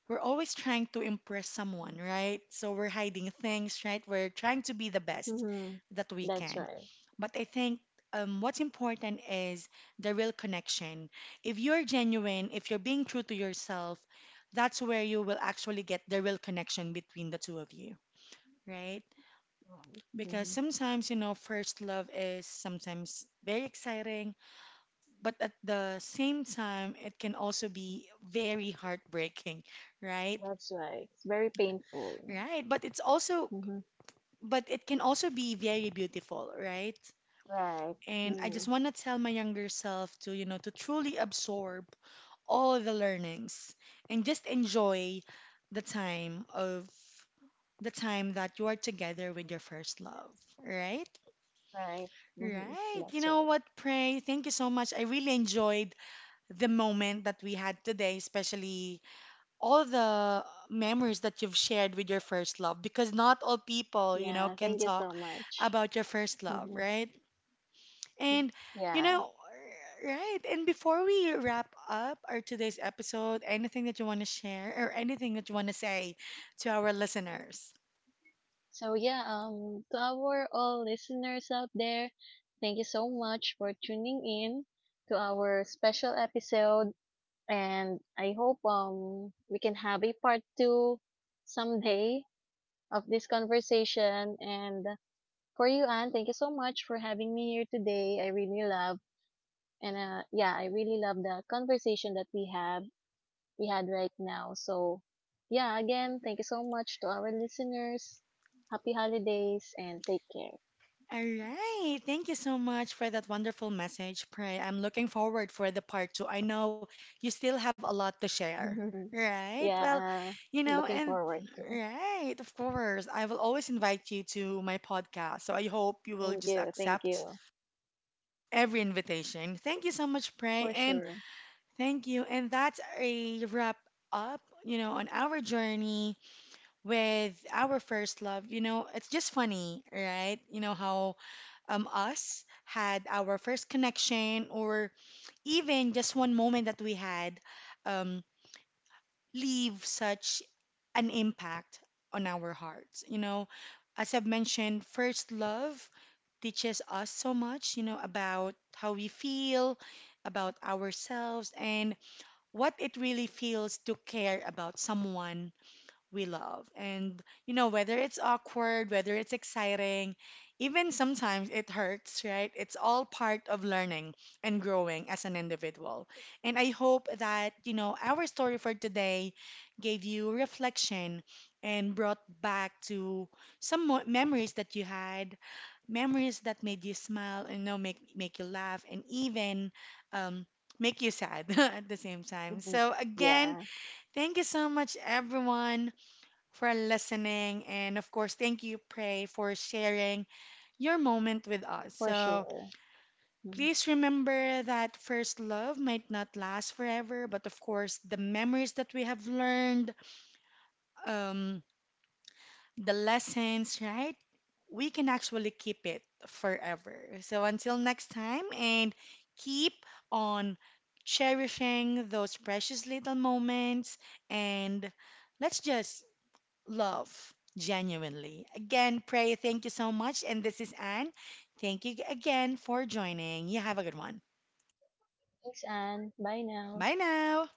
[SPEAKER 1] we're always trying to impress someone, right? So we're hiding things, right? We're trying to be the best
[SPEAKER 2] Hmm.
[SPEAKER 1] that we
[SPEAKER 2] That's
[SPEAKER 1] can.
[SPEAKER 2] right.
[SPEAKER 1] But I think what's important is the real connection. If you're genuine, if you're being true to yourself, that's where you will actually get the real connection between the two of you right?
[SPEAKER 2] Right.
[SPEAKER 1] Because
[SPEAKER 2] Hmm.
[SPEAKER 1] sometimes, you know, first love is sometimes very exciting, but at the same time, it can also be very heartbreaking, right?
[SPEAKER 2] That's right. It's very painful.
[SPEAKER 1] Right. But it's also,
[SPEAKER 2] Hmm.
[SPEAKER 1] but it can also be very beautiful, right?
[SPEAKER 2] Right.
[SPEAKER 1] And I just
[SPEAKER 2] Mm.
[SPEAKER 1] want to tell my younger self to, you know, to truly absorb all the learnings and just enjoy the time of the time that you are together with your first love, right?
[SPEAKER 2] Right. Hmm.
[SPEAKER 1] Right. You
[SPEAKER 2] That's
[SPEAKER 1] know
[SPEAKER 2] right.
[SPEAKER 1] what, Pray? Thank you so much. I really enjoyed the moment that we had today, especially all the memories that you've shared with your first love, because not all people, you know,
[SPEAKER 2] Yeah.
[SPEAKER 1] can
[SPEAKER 2] Thank you
[SPEAKER 1] talk
[SPEAKER 2] so much.
[SPEAKER 1] about your first love,
[SPEAKER 2] Hmm.
[SPEAKER 1] right? And, you
[SPEAKER 2] Yeah.
[SPEAKER 1] know, right. And before we wrap up our today's episode, anything that you want to share or anything that you want to say to our listeners?
[SPEAKER 2] So yeah, to our all listeners out there, thank you so much for tuning in to our special episode, and I hope we can have a part two someday of this conversation. And for you, Anne, thank you so much for having me here today. I really love, and yeah, I really love the conversation that we had right now. So yeah, again, thank you so much to our listeners. Happy holidays and take care.
[SPEAKER 1] All right. Thank you so much for that wonderful message, Pray. I'm looking forward for the part 2. I know you still have a lot to share,
[SPEAKER 2] <laughs>
[SPEAKER 1] right?
[SPEAKER 2] Yeah,
[SPEAKER 1] Well, you know,
[SPEAKER 2] looking
[SPEAKER 1] and
[SPEAKER 2] forward to.
[SPEAKER 1] right, of course, I will always invite you to my podcast. So I hope you will
[SPEAKER 2] Thank
[SPEAKER 1] just
[SPEAKER 2] you, thank
[SPEAKER 1] accept
[SPEAKER 2] you.
[SPEAKER 1] every invitation. Thank you so much, Pray,
[SPEAKER 2] For
[SPEAKER 1] and
[SPEAKER 2] sure.
[SPEAKER 1] thank you. And that's a wrap up, you know, on our journey with our first love. You know, it's just funny, right? You know how us had our first connection or even just one moment that we had um leave such an impact on our hearts. You know, as I've mentioned, first love teaches us so much, you know, about how we feel, about ourselves, and what it really feels to care about someone we love. And, you know, whether it's awkward, whether it's exciting, even sometimes it hurts, right? It's all part of learning and growing as an individual. And I hope that, you know, our story for today gave you reflection and brought back to some memories that you had, memories that made you smile and, you know, make you laugh and even, um, make you sad <laughs> at the same time.
[SPEAKER 2] Mhm.
[SPEAKER 1] So, again,
[SPEAKER 2] Yeah,
[SPEAKER 1] thank you so much, everyone, for listening. And of course, thank you, Prey, for sharing your moment with us.
[SPEAKER 2] for
[SPEAKER 1] So
[SPEAKER 2] sure. Mm.
[SPEAKER 1] please remember that first love might not last forever, but of course, the memories that we have learned, um, the lessons, right? We can actually keep it forever. So until next time, and keep on cherishing those precious little moments and let's just love genuinely. Again, Pray, thank you so much. And this is Anne. Thank you again for joining. You have a good one.
[SPEAKER 2] Thanks, Anne. Bye now.
[SPEAKER 1] Bye now.